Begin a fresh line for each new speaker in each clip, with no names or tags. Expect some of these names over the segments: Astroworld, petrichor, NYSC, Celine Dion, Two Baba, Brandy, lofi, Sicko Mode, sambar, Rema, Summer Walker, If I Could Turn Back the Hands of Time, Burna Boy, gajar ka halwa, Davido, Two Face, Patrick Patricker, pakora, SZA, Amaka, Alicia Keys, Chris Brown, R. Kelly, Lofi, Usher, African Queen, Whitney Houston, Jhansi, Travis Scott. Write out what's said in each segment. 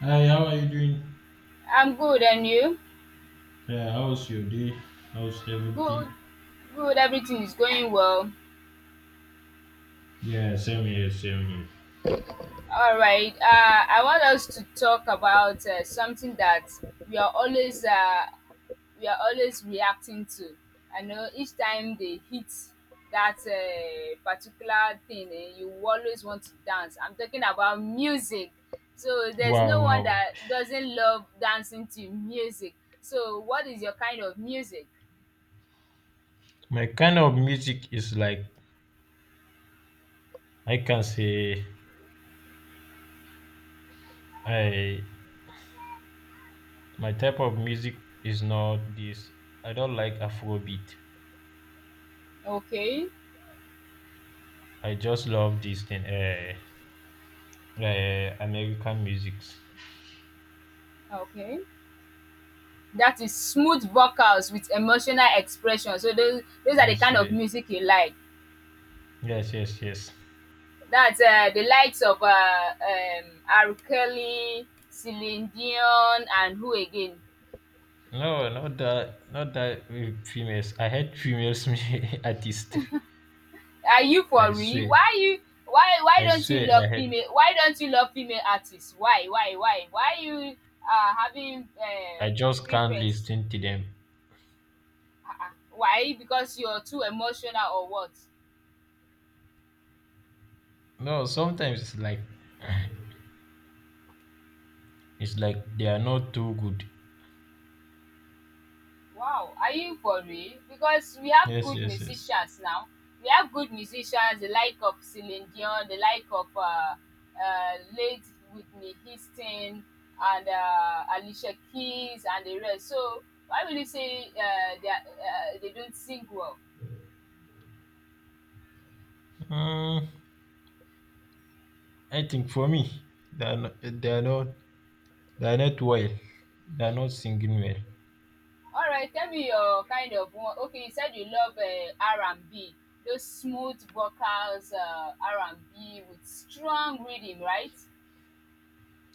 Hi, how are you doing?
I'm good, and you?
Yeah, how's your day? How's everything?
Good, good. Everything is going well.
Yeah, same here, same here.
All right. I want us to talk about something that we are always uh, we are always reacting to. I know each time they hit that particular thing, you always want to dance. I'm talking about music. So there's
Wow,
no one
wow.
that doesn't love dancing to music. So what is your kind of music?
My kind of music is like I can say I my type of music is not this. I don't like Afrobeat.
Okay.
I just love this thing, American music.
Okay. That is smooth vocals with emotional expression, so those are the
Let's
kind of
say
music you like.
yes, yes, yes.
That's the likes of R. Kelly, Celine Dion and who again?
No, not that, not that with females. I hate females artist.
Are you
I
for real?
swear,
Why you why don't you
I
love
hate.
female, why don't you love female artists? Why? Why you are having
I just can't
preference?
listen to them.
Why? Because you're too emotional or what?
No, sometimes it's like they are not too good.
Wow, are you for real? Because we have
Yes,
good
yes, yes.
musicians now. We have good musicians, the like of Celine Dion, the like of late Whitney Houston, and Alicia Keys, and the rest. So why will you say they, are, they don't sing well?
Mm, I think for me, they are not, they are not they are not well. They are not singing well.
All right, tell me your kind of one. Okay, you said you love R&B, those smooth vocals, R&B with strong rhythm, right?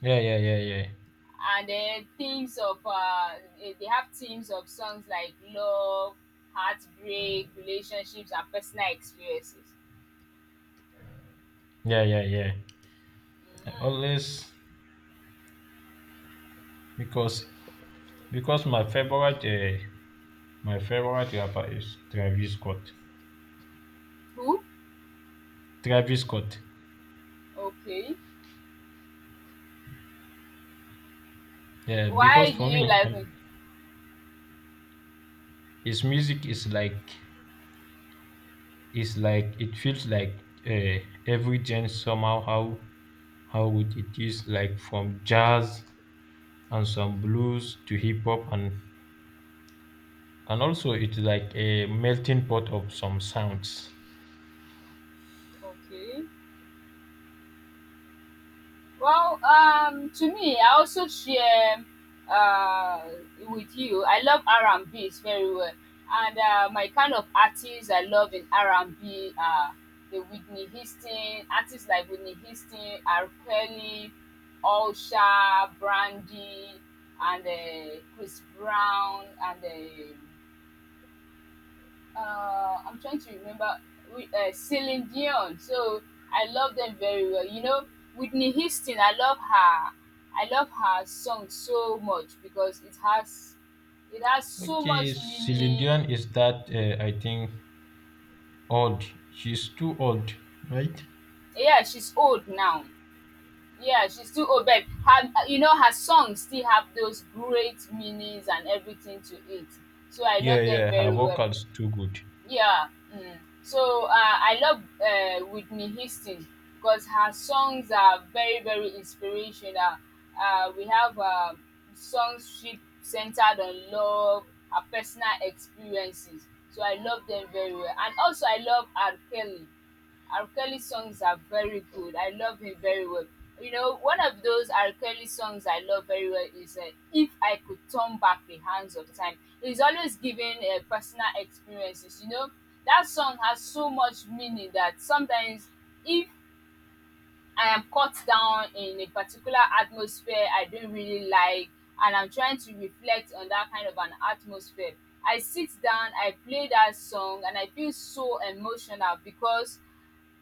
Yeah, yeah, yeah, yeah,
And then themes of they have themes of songs like love, heartbreak, relationships, and personal experiences.
yeah, yeah, yeah. I
Mm.
always because because my favorite rapper is Travis Scott.
Cool.
Travis Scott.
Okay.
Yeah, because
Why do
for
you
me,
like it?
his music is like it feels like, every genre somehow how good it is, like from jazz and some blues to hip hop and also it's like a melting pot of some sounds.
Okay. Well, to me, I also share uh, with you. I love R and B very well, and my kind of artists I love in R and B are the Whitney Houston artists like Whitney Houston, R Kelly, Usher, Brandy, and Chris Brown, and uh, I'm trying to remember Celine Dion. So I love them very well. You know, Whitney Houston. I love her. I love her song so much because it has so
Okay,
much
Celine
meaning.
Dion is that, I think, old. She's too old, right?
Yeah, she's old now. Yeah, she's too old, but her, you know her songs still have those great meanings and everything to it. So I
Yeah,
love them
yeah, her
very well.
vocals too good.
Yeah. Mm. So I love Whitney Houston because her songs are very, very inspirational. We have songs she centered on love, her personal experiences. So I love them very well. And also, I love R. Kelly. R. Kelly songs are very good. I love him very well. You know, one of those R. Kelly songs I love very well is If I Could Turn Back the Hands of Time. He's always giving personal experiences. You know, that song has so much meaning that sometimes if I am caught down in a particular atmosphere I don't really like and I'm trying to reflect on that kind of an atmosphere, I sit down, I play that song, and I feel so emotional because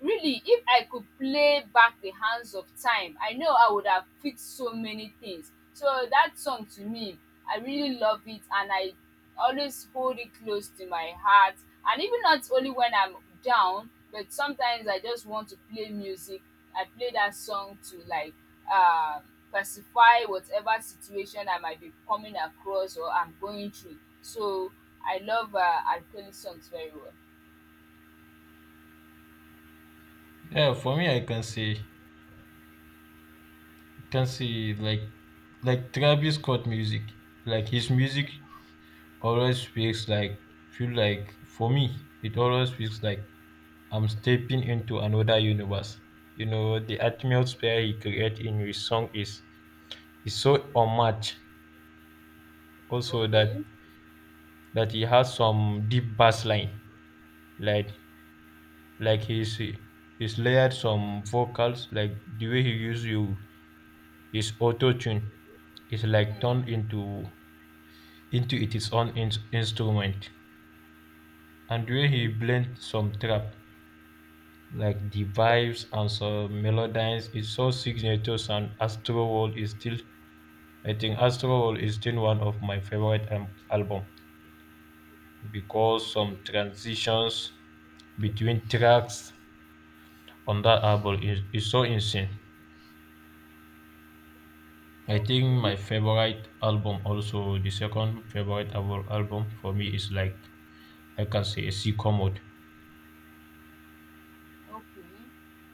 really, if I could play back the hands of time, I know I would have fixed so many things. So that song to me, I really love it and I always hold it close to my heart. And even not only when I'm down, but sometimes I just want to play music. I play that song to like uh, pacify whatever situation I might be coming across or I'm going through. So I love Alkali songs very well.
Yeah, for me, I can say, like, Travis Scott music. Like his music always feels like feel like for me it always feels like I'm stepping into another universe. You know the atmosphere he created in his song is so unmatched. Also that
Okay.
that he has some deep bass line. Like like he's he's layered some vocals, like the way he use you his auto tune is like turned
Mm-hmm.
into its own instrument. And the way he
Okay.
blends some trap, like the vibes and some melodies is so signatures, and Astroworld is still one of my favorite album, because some transitions between tracks on that album is so insane. I think my
Okay,
favorite album, also the second favorite album for me is like I can say Sicko Mode.
okay, okay.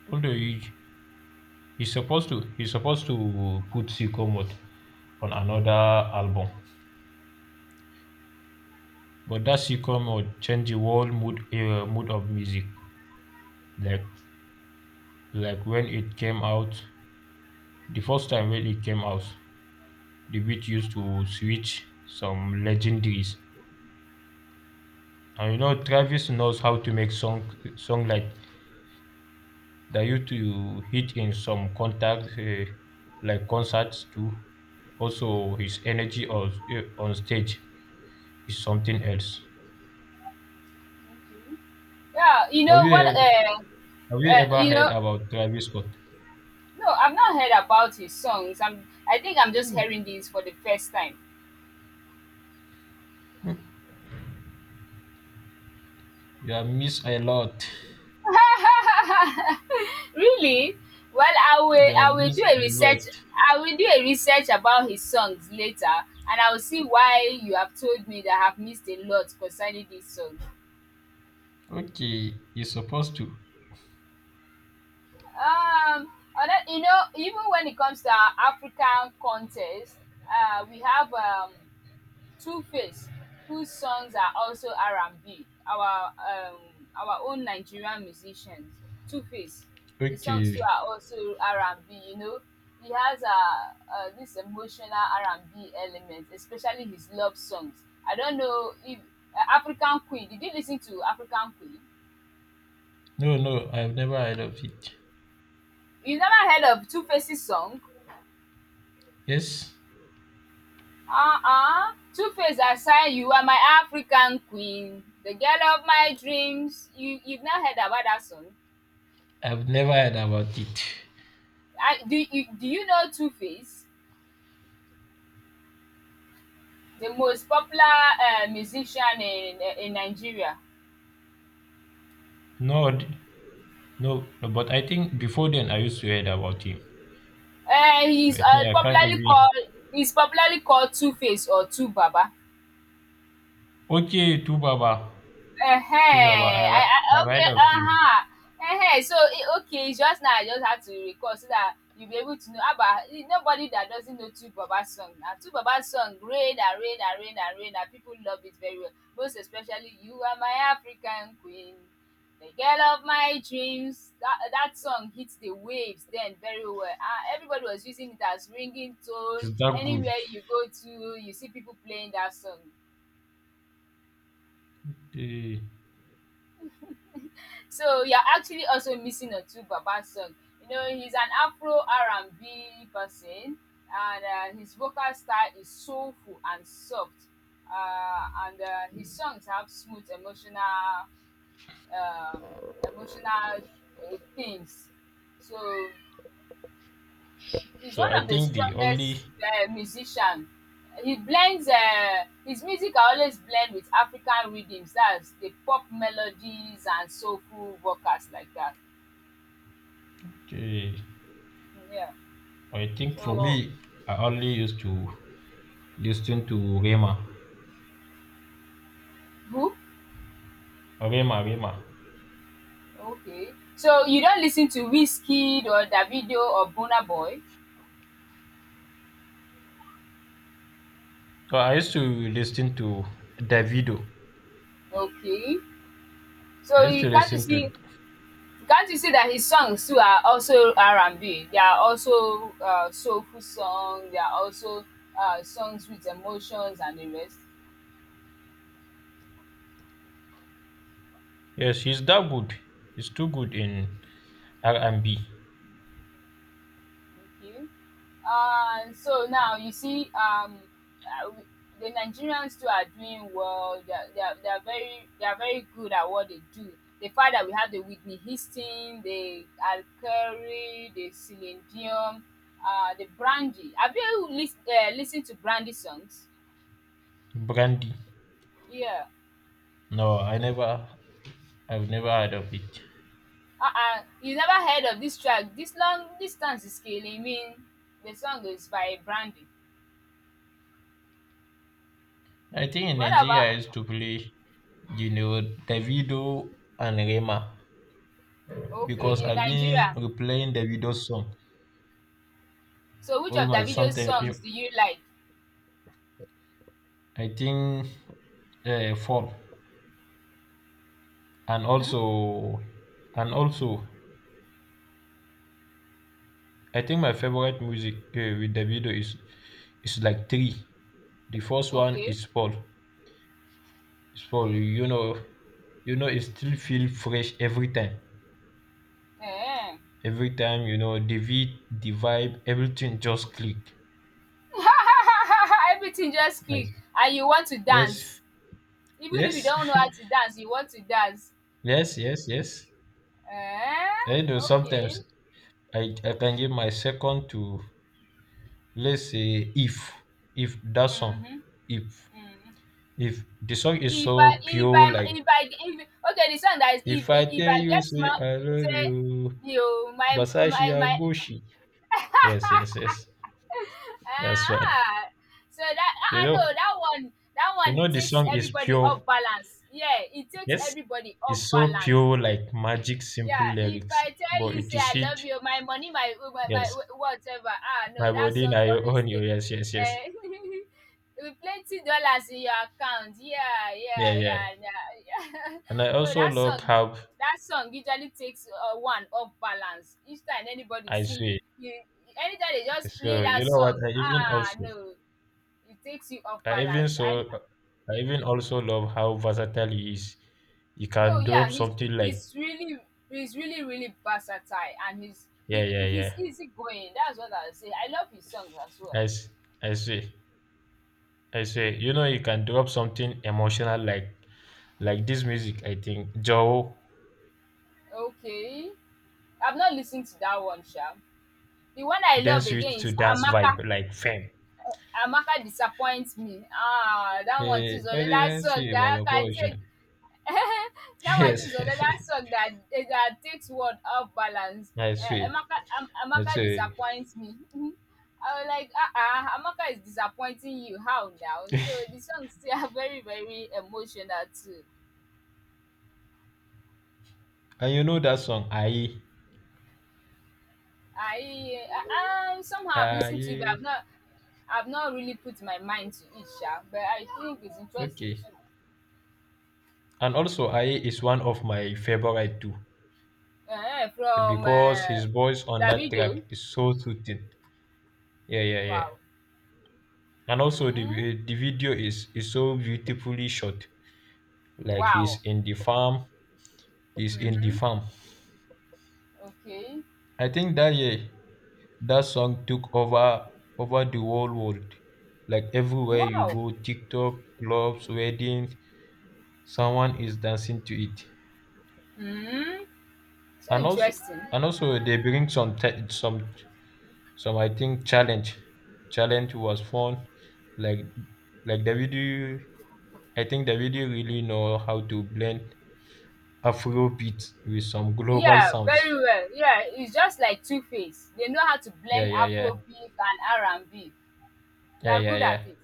Although he's supposed to put Sicko Mode on another album. But that sitcom would change the whole mood of music. Like like when it came out, the first time when it came out, the beat used to switch some legendaries. And you know Travis knows how to make song like that used to hit in some contact, like concerts too. Also his energy on stage is something else.
Yeah, you
Have
know
you
what?
have you ever
You
heard
know,
about Travis Scott?
no, I've not heard about his songs. I think I'm just hearing these for the first time.
You have missed a lot.
Really? Well, I
They
will. I will
abuse
do a
a
research.
lot.
I will do a research about his songs later, and I will see why you have told me that I have missed a lot concerning this song.
Okay, you're supposed to.
Um, other, you know, even when it comes to our African contest, we have Two Face, whose songs are also R&B, our own Nigerian musicians, Two Face, his songs too
Okay.
are also R&B, you know. He has this emotional R&B element, especially his love songs. I don't know if African Queen, did you listen to African Queen?
No, no, I've never heard of it.
You never heard of Two Face's song?
Yes,
Uh-uh. Two-Face I aside, you are my African queen, the girl of my dreams. You've not heard about that song?
I've never heard about it.
I, do you know Two Face, the most popular musician in Nigeria?
No, no, no, but I think before then I used to heard about him.
Uh,
But
he's
I
uh,
think I can't
popularly
even.
called he's popularly called Two Face or Two Baba.
Okay, Tu Baba. Tu Baba,
Ehen, I
I've heard
okay,
of him.
uh-huh. Ehen, so it, okay, it's just now I just had to recall so that you'll be able to know Abba. Eh, nobody that doesn't know Two Baba song. Now Two Baba song, rain and rain and rain and rain, and people love it very well. Most especially, you are my African queen, the girl of my dreams. That song hits the waves then very well. Ah, everybody was using it as ringing
Is
tone.
that good?
Anywhere you go to, you see people playing that song.
Eh,
So you're actually also missing a Two Baba song. You know, he's an Afro R&B person, and his vocal style is soulful and soft. And his songs have smooth emotional, um, emotional themes. So he's
so
one
I
of the
think the only.
strongest musicians. He blends his music. I always blend with African rhythms. That's the pop melodies and soulful vocals like that.
Okay,
Yeah.
I think for
So
me, I only used to listen to Rema.
who?
Rema, Rema.
Okay. So you don't listen to whiskey or Davido or Burna Boy?
Oh, I used to listen to Davido.
Okay.
I
So
used
you
to listen to
can't you see that his songs too are also R and B? They are also soulful songs. They are also songs with emotions and the rest.
yes, he's that good. He's too good in R and B.
Okay. So now you see, uh, the Nigerians too are doing well. They are very good at what they do. The fact that we have the Whitney Houston, the Alkari, the Celine Dion, the Brandy. Have you listened to Brandy songs?
Brandy.
Yeah.
No, I've never heard of it.
Uh-uh. You never heard of this track? This long distance is killing me. The song is by Brandy.
I think in
What
Nigeria
about
I used to play, you know, Davido and Rema, because
okay in
I've been
Nigeria?
replaying Davido's song
So which
all
of
my
Davido's
sometimes.
songs do you like?
I think, fall, and
Hmm?
also, and also I think my favorite music with Davido is it's like three. The first one
Okay.
is fall. It's fall. You know, it still feel fresh every time.
Eh.
Every time, you know, the beat, the vibe, everything just click.
Everything just click
Nice.
and you want to
Yes.
dance. Even if you
Yes.
don't know how to dance, you want to dance.
yes. Yes. Yes.
Eh?
I know
Okay.
sometimes I can give my second to, let's say, if that song,
Mm-hmm.
if
Mm-hmm.
if the song is
If I
so
if I
pure, like
if I if, okay the song that is
if I
if
tell
I
you
get
say
my
I love
say
you,
you
Basashi
my
Agushi. Yes, yes, yes. That's what
ah so that
you
I know
know.
that
You
one
know the
takes
song is
everybody off
pure.
balance, yeah it takes
Yes,
everybody off
it's so
balance.
pure, like magic, simple
Yeah, if
lyrics.
I tell
But
you
it
say
is
I love
it.
you, my money, my
Yes,
whatever. Ah,
my
no, that
body
song
now your
always
own. You
take.
yes, yes, yes.
Uh, with plenty dollars in your account. Yeah,
Yeah,
yeah,
yeah.
yeah, yeah, yeah.
And I
No,
also love how
that song usually takes one off balance. Each time anybody
I
sing,
swear.
you, anytime they just
So
play
you
that
know what?
song. Ah, no, it takes you off
I even
balance. I
so, I even also love how versatile he is. You
no,
can
yeah,
drop something like
he's really really versatile and
yeah, yeah, yeah.
he's easygoing. That's what I'll say. I love his songs as
I
well.
s- I swear, You know, you can drop something emotional like this music, I think Joe,
Okay, I've not listened to that one, Sha. The one I
then
love again
switched to
is
dance
Amaka.
vibe, like fame.
Amaka disappoints me. Ah, that one too is
Eh, I
another
didn't
song
see a
that I can
vagabond.
take. That
Yes,
artist or that song that that takes world off balance.
I see. That's
Amaka
it.
disappoints me. I was like, ah, Amaka is disappointing you. How now? So the songs still are very, very emotional too.
And you know that song, Aye.
I somehow I've listened to it, but
Aye.
I've not really put my mind to it, sha, but I think it's interesting
Okay.
too.
And also, Aye is one of my favorite too,
From
because his voice on that
Davido.
track is so soothing. Yeah, yeah, yeah.
Wow.
And also, the
Mm,
the video is so beautifully shot. Like
wow.
he's in the farm. He's in the
Mm-hmm.
farm.
Okay.
I think that, yeah, that song took over the whole world. Like everywhere you
Wow.
go, TikTok, clubs, weddings, someone is dancing to it.
Hmm. So
And also,
interesting.
they bring some some I think challenge. Challenge was fun. Like, like the video, I think the video really know how to blend Afro beats with some global
Yeah, very
sounds.
well. Yeah, it's just like Two-Face. They know how to
Yeah,
blend
yeah, yeah,
Afrobeat and R&B. They
yeah,
are
yeah,
good
yeah.
at it.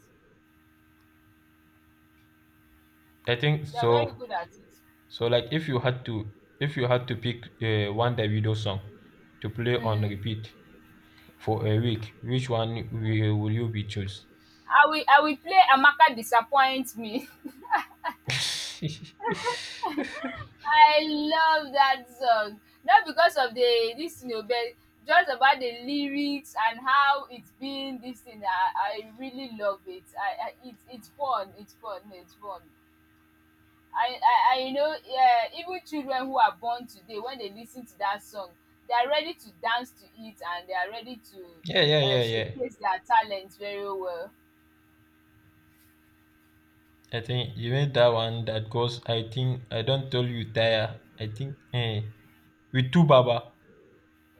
I think
They are very
so.
good at it.
So like, if you had to pick one Davido song to play on
Hmm.
repeat for a week, will you be choose?
I will play Amaka Disappoint Me.
yeah,
I love that song. Not because of the this thing o, but just about the lyrics and how it's been this thing. I really love it. I it's fun. It's fun. It's fun. I you know, yeah, even children who are born today, when they listen to that song they are ready to dance to it and they are ready to
yeah, yeah, yeah.
showcase their talent very well.
I think you made that one that goes. I think I don't tell you tire. I think, eh, with two baba.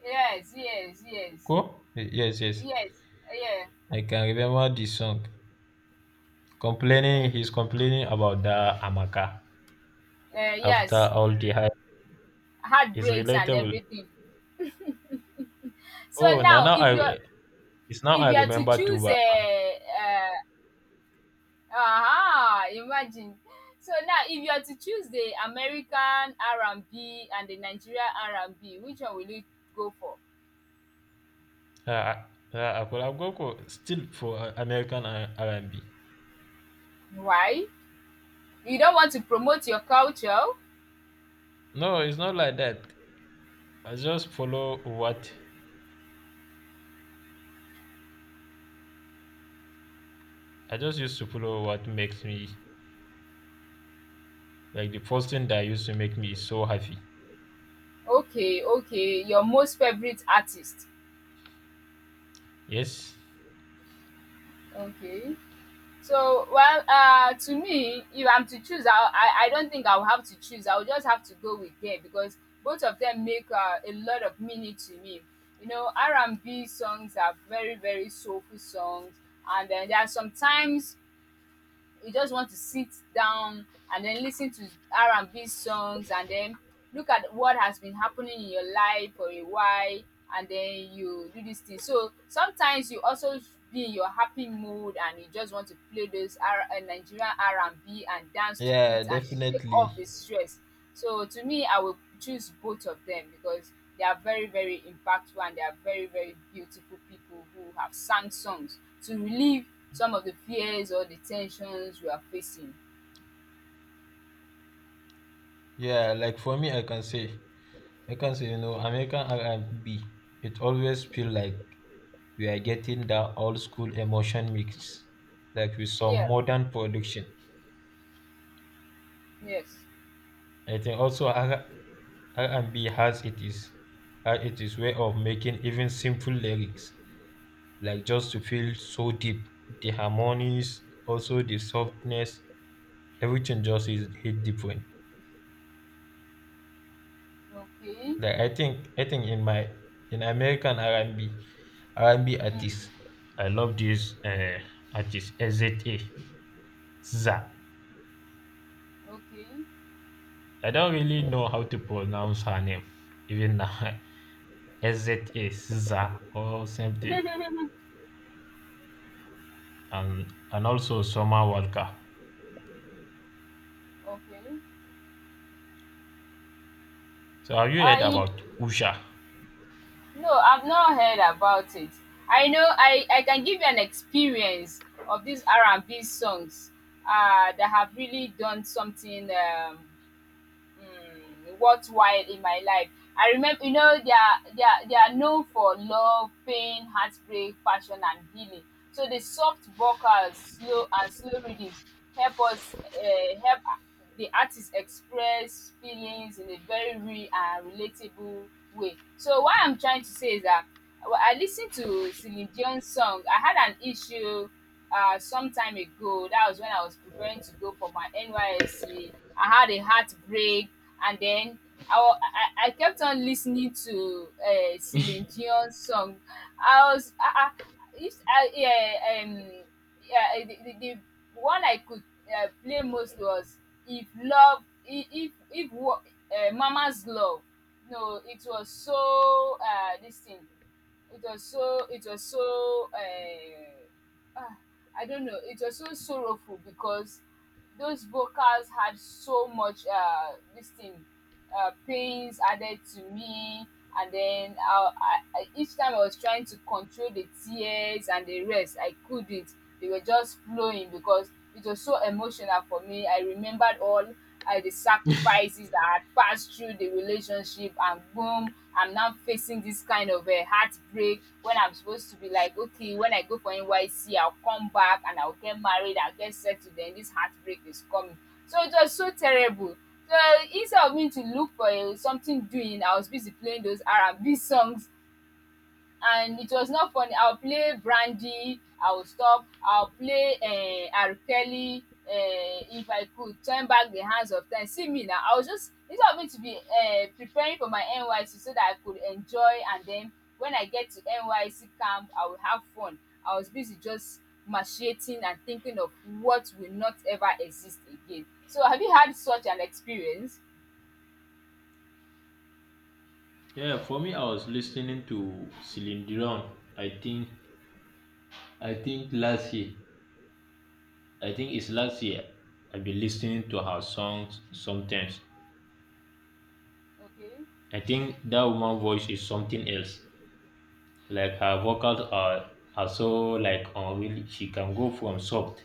Yes, yes, yes,
Go. Eh, yes, yes.
yes, yeah,
I can remember this song. Complaining, he's
um
complaining about the amaka after
yes,
all the hype. It's
heartbreaks and
relatable.
everything. So
Oh, now
now
now I it's now
if
I
you are to
remember
choose
Tuba.
a um aha! Imagine. So now if you are to choose the American R&B and B and the Nigerian R&B, which one will you go for?
Uh, uh, Akolagwoko still for American R&B.
Why? You don't want to promote your culture?
No, it's not like that. I just follow what I just used to follow what makes me like the first thing that used to make me so happy.
Okay, okay. Your most favorite artist.
Yes.
Okay. So, well, to me, if I'm to choose, I don't think I will have to choose. I will just have to go with them because both of them make a lot of meaning to me. You know, R&B songs are very, very soulful songs, and then there are sometimes you just want to sit down and then listen to r&b songs and then look at what has been happening in your life for a while, and then you do this thing. So sometimes you also be in your happy mood and you just want to play those nigerian r&b and B and dance to it
Yeah,
and shake off
definitely.
the stress. So to me, I will choose both of them because they are very, very impactful, and they are very, very beautiful people who have sang songs to relieve some of the fears or the tensions we are facing.
Yeah, like for me, I can say, you know, American R&B. It always feel like we are getting that old school emotion mix, like with some
Yeah,
modern production.
yes.
I think also R R&B has it is way of making even simple lyrics, like, just to feel so deep. The harmonies, also the softness, everything just is hit different.
Okay.
Like, I think in my, in American r and B R and b artists,
Mm,
I love this artist SZA. SZA. I don't really know how to pronounce her name even now. SZA SZA or something.
okay.
And also Summer Walker.
Okay.
So have you heard
I
about Usha?
No, I've not heard about it. I know I can give you an experience of these R and B songs that have really done something, worthwhile in my life. I remember, they are known for love, pain, heartbreak, passion, and healing. So the soft vocals, slow and slow rhythms help the artist express feelings in a very real and relatable way. So what I'm trying to say is that, well, I listened to Celine Dion's song. I had an issue some time ago. That was when I was preparing to go for my NYSC. I had a heartbreak, and then I kept on listening to Celine Dion's song. I was I, I, if I yeah yeah the one I could play most was if love if wo- mama's love. No, it was so, this thing. It was so, I don't know, it was so sorrowful because those vocals had so much, this thing, pains added to me. And then each time I was trying to control the tears and the rest, I couldn't. They were just flowing because it was so emotional for me. I remembered all the sacrifices that had passed through the relationship, and boom, I'm now facing this kind of a heartbreak when I'm supposed to be like, okay, when I go for nyc I'll come back and I'll get married, I'll get settled, then this heartbreak is coming. So it was so terrible. So instead of me to look for something doing, I was busy playing those R&B songs, and it was not funny. I'll play Brandy, I'll stop, I'll play R. Kelly. If I could turn back the hands of time, see me now. I was just, instead of me to be preparing for my NYC so that I could enjoy, and then when I get to NYC camp, I will have fun. I was busy just machiating and thinking of what will not ever exist again. So, have you had such an experience?
Yeah, for me, I was listening to Celine Dion. I think, I think last year, I think it's last year. I've been listening to her songs sometimes.
Okay,
I think that woman voice is something else. Like her vocals are so like unreal. She can go from soft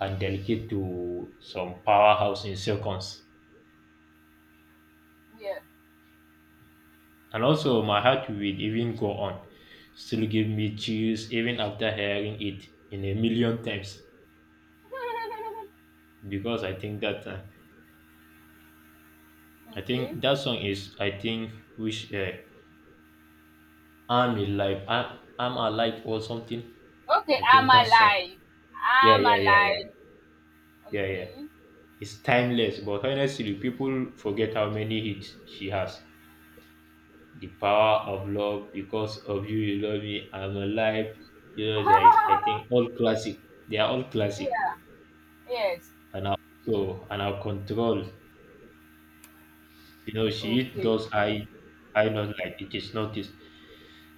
and delicate to some powerhouse in seconds.
yeah,
And also, my heart will even go on, still give me chills even after hearing it in a million times. Because I think that, I
okay.
think that song is, I think which I'm alive, I'm alive or something.
Okay,
I
I'm
think that song.
alive.
Yeah,
I'm
yeah, yeah, yeah,
alive.
yeah, yeah.
Okay.
It's timeless, but honestly, people forget how many hits she has. The power of love, because of you, you love me. I'm alive. You know, there is. I think all classic. They are all classic.
Yeah. Yes.
And our, control. You know, she
Okay.
does high high notes, like it is noticed.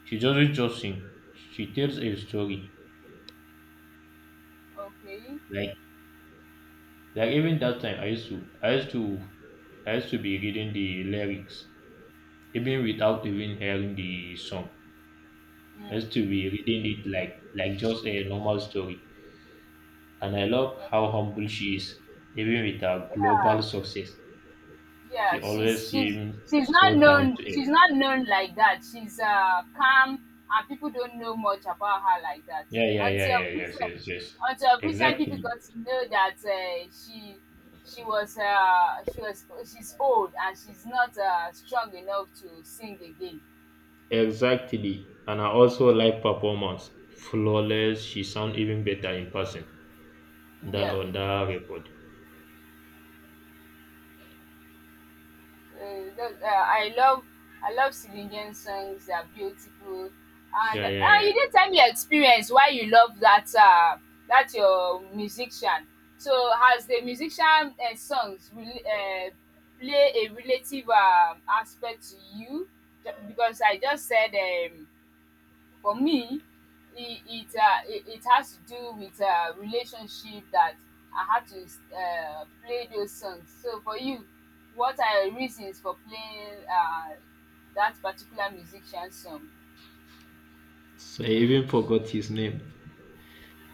She doesn't just sing. She tells a story.
Okay.
Like like even that time I used to be reading the lyrics even without even hearing the song.
Mm.
I used to be reading it like, just a normal story. And I love how
Okay.
humble she is, even with her
Yeah.
global success. She
Yeah.
always seems
She's
so
not
down
known.
to
She's
earth.
not known like that. She's calm, and people don't know much about her like that
Yeah, yeah, yeah,
until
yeah, yes,
recent.
yes, yes.
Until recently, people
Exactly.
got to know that she's old and she's not strong enough to sing again.
Exactly. And I also like performance. Flawless. She sound even better in person than
Yeah.
on that record.
Uh, that, uh, I love I love Silingian songs. They are beautiful. And
Yeah, yeah, yeah.
you didn't tell me your experience why you love that, that your musician. So has the musician songs really, play a relative aspect to you? Because I just said, for me, it has to do with relationship that I had to play those songs. So for you, what are your reasons for playing that particular musician song?
So I even forgot his name.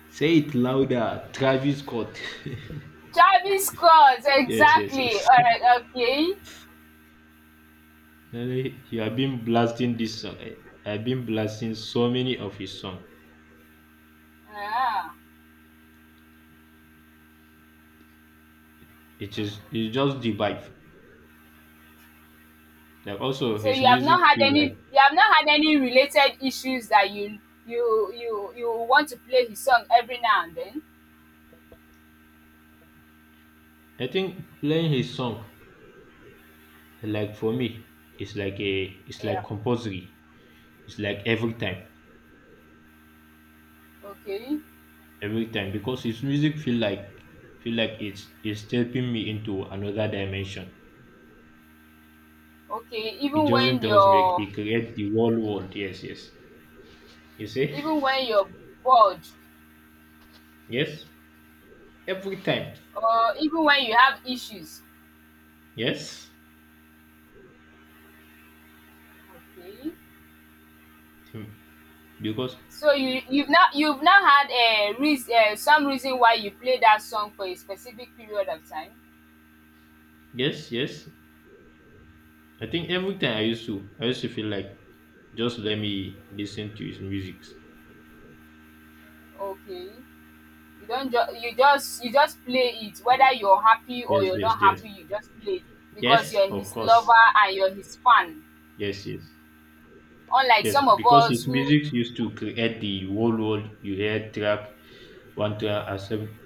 Say it louder, Travis Scott.
Travis Scott,
yes, yes,
exactly.
yes.
Alright, okay.
Really, you have been blasting this song. Eh, I've been blasting so many of his songs.
Ah,
It's just the vibe. Like also
so
his music feels like
you have not had any related issues that you want to play his song every now and then?
I think playing his song, like for me it's like
Yeah.
compulsory, it's like every time,
Okay.
because his music feel like, it's stepping me into another dimension.
Okay.
He
Even
doesn't
when
just make
your
he create the whole world, yes, yes. You see,
even when you're bored,
yes, every time,
or even when you have issues.
yes.
Okay.
Tim- because
So you've now had a reas some reason why you play that song for a specific period of time.
yes, yes. I think every time I used to feel like just let me listen to his music.
Okay. You don't ju you just play it whether you're happy or
Yes,
you're
yes,
not
yes,
happy. You just play it because
yes,
you're
of
his
course,
lover and you're his fan,
yes, yes.
unlike
Yes,
some of
because
us
his
who.
music used to create the whole world. You hear track, and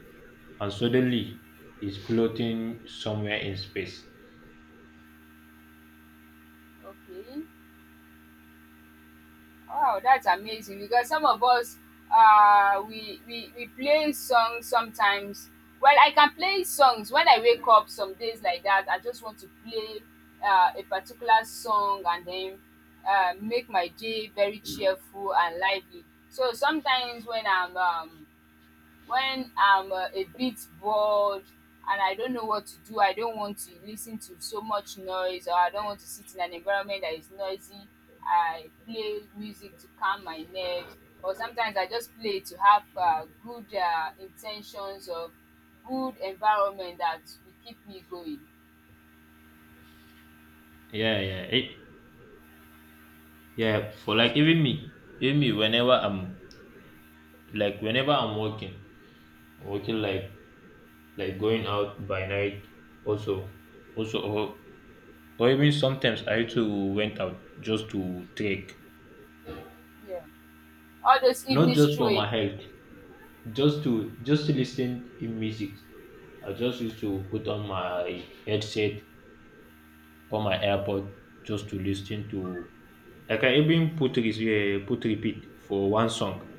and suddenly it's floating somewhere in space.
Okay. Wow, that's amazing because some of us, we play songs sometimes. Well, I can play songs when I wake up some days like that. I just want to play a particular song, and then make my day very cheerful and lively. So sometimes when I'm, a bit bored and I don't know what to do, I don't want to listen to so much noise, or I don't want to sit in an environment that is noisy. I play music to calm my nerves, or sometimes I just play to have good intentions or good environment that will keep me going.
Yeah, yeah, it, yeah. For like even me, whenever I'm, like whenever I'm working,
Mm,
working, like going out by night, also, also, or, or even sometimes I too went out just to trek,
yeah, all those
not
evening
just for my
strolling.
health, just to listen in music. I just used to put on my headset or my AirPod just to listen to. Like, I can even put repeat for one song,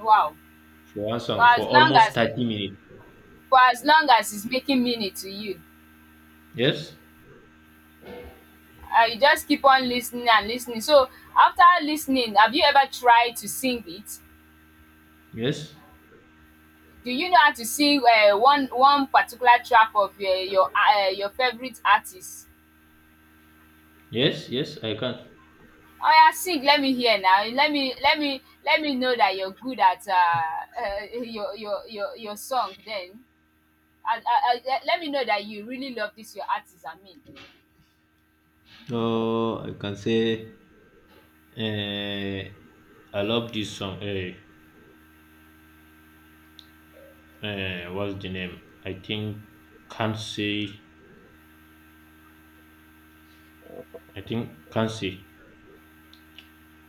Wow, for
for
as long
almost
as
30 minutes.
for as long as it's making meaning to you.
Yes,
You just keep on listening and listening. So after listening, have you ever tried to sing it?
yes,
Do you know how to sing, one particular track of your favorite artist?
yes, yes. I can.
Oh yeah, sing, let me hear now. Let me know that you're good at, your song. Then, let me know that you really love this your artist. I mean,
Oh, I can say. Uh, I love this song. Eh, what's the name? I think can't say. I think can't say.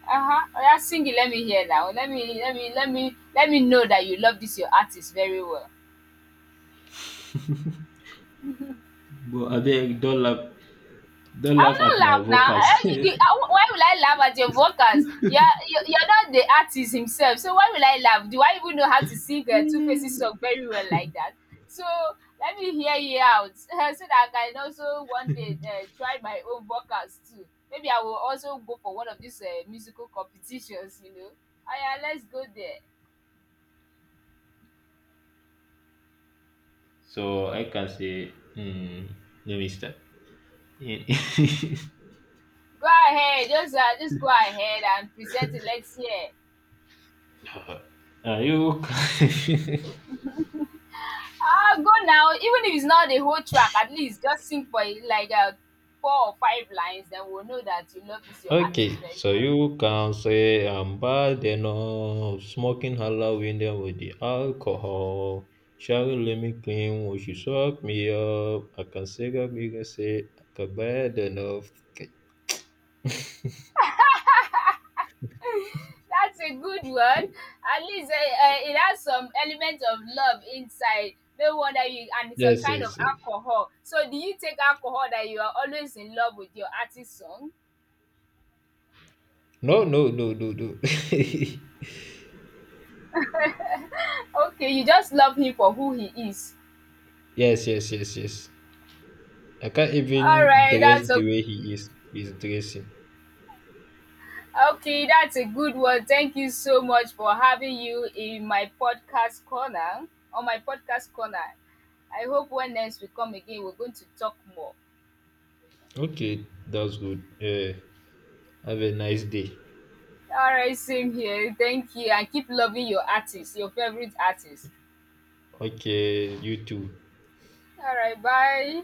uh huh. Oh yeah, sing it, let me hear now. Let me know that you love this your artist very well.
But I beg don't laugh. Don't
I
laugh
will
at
not
my
laugh now.
vocals.
Why will I laugh at your vocals? You're not the artist himself, so why will I laugh? Do I even know how to sing a Two Faces song very well like that? So let me hear you out so that I can also one day try my own vocals too. Maybe I will also go for one of these musical competitions. Oh yeah, let's go there.
So I can say, mm, no, mister.
Go ahead, just go ahead and present it. Let's hear.
Ah, you
Ah, go now. Even if it's not the whole track, at least just sing for it, like four or five lines, then we'll know that you love this your
okay?
artist very
So
well.
you can say I'm bad enough. Smoking Halloween them with the alcohol. Sherry let me clean when she suck me up. I can say that we can say I'm bad enough. Okay.
That's a good one. At least, it has some element of love inside. No wonder you, and it's a
Yes,
kind of
yes, yes.
alcohol. So, do you take alcohol that you are always in love with your artist song?
No, no, no, no, no. yes,
Okay, you just love him for who he is.
yes, yes, yes. I can't
All
even
right,
dress
that's
the
a
way he is dressing.
okay, that's a good one. Thank you so much for having you in my podcast corner, on my podcast corner. I hope when next we come again, we're going to talk more.
Okay, that's good. Yeah. Have a nice day.
All right, same here. Thank you. And keep loving your artist, your favorite artist.
Okay, you too.
All right, bye.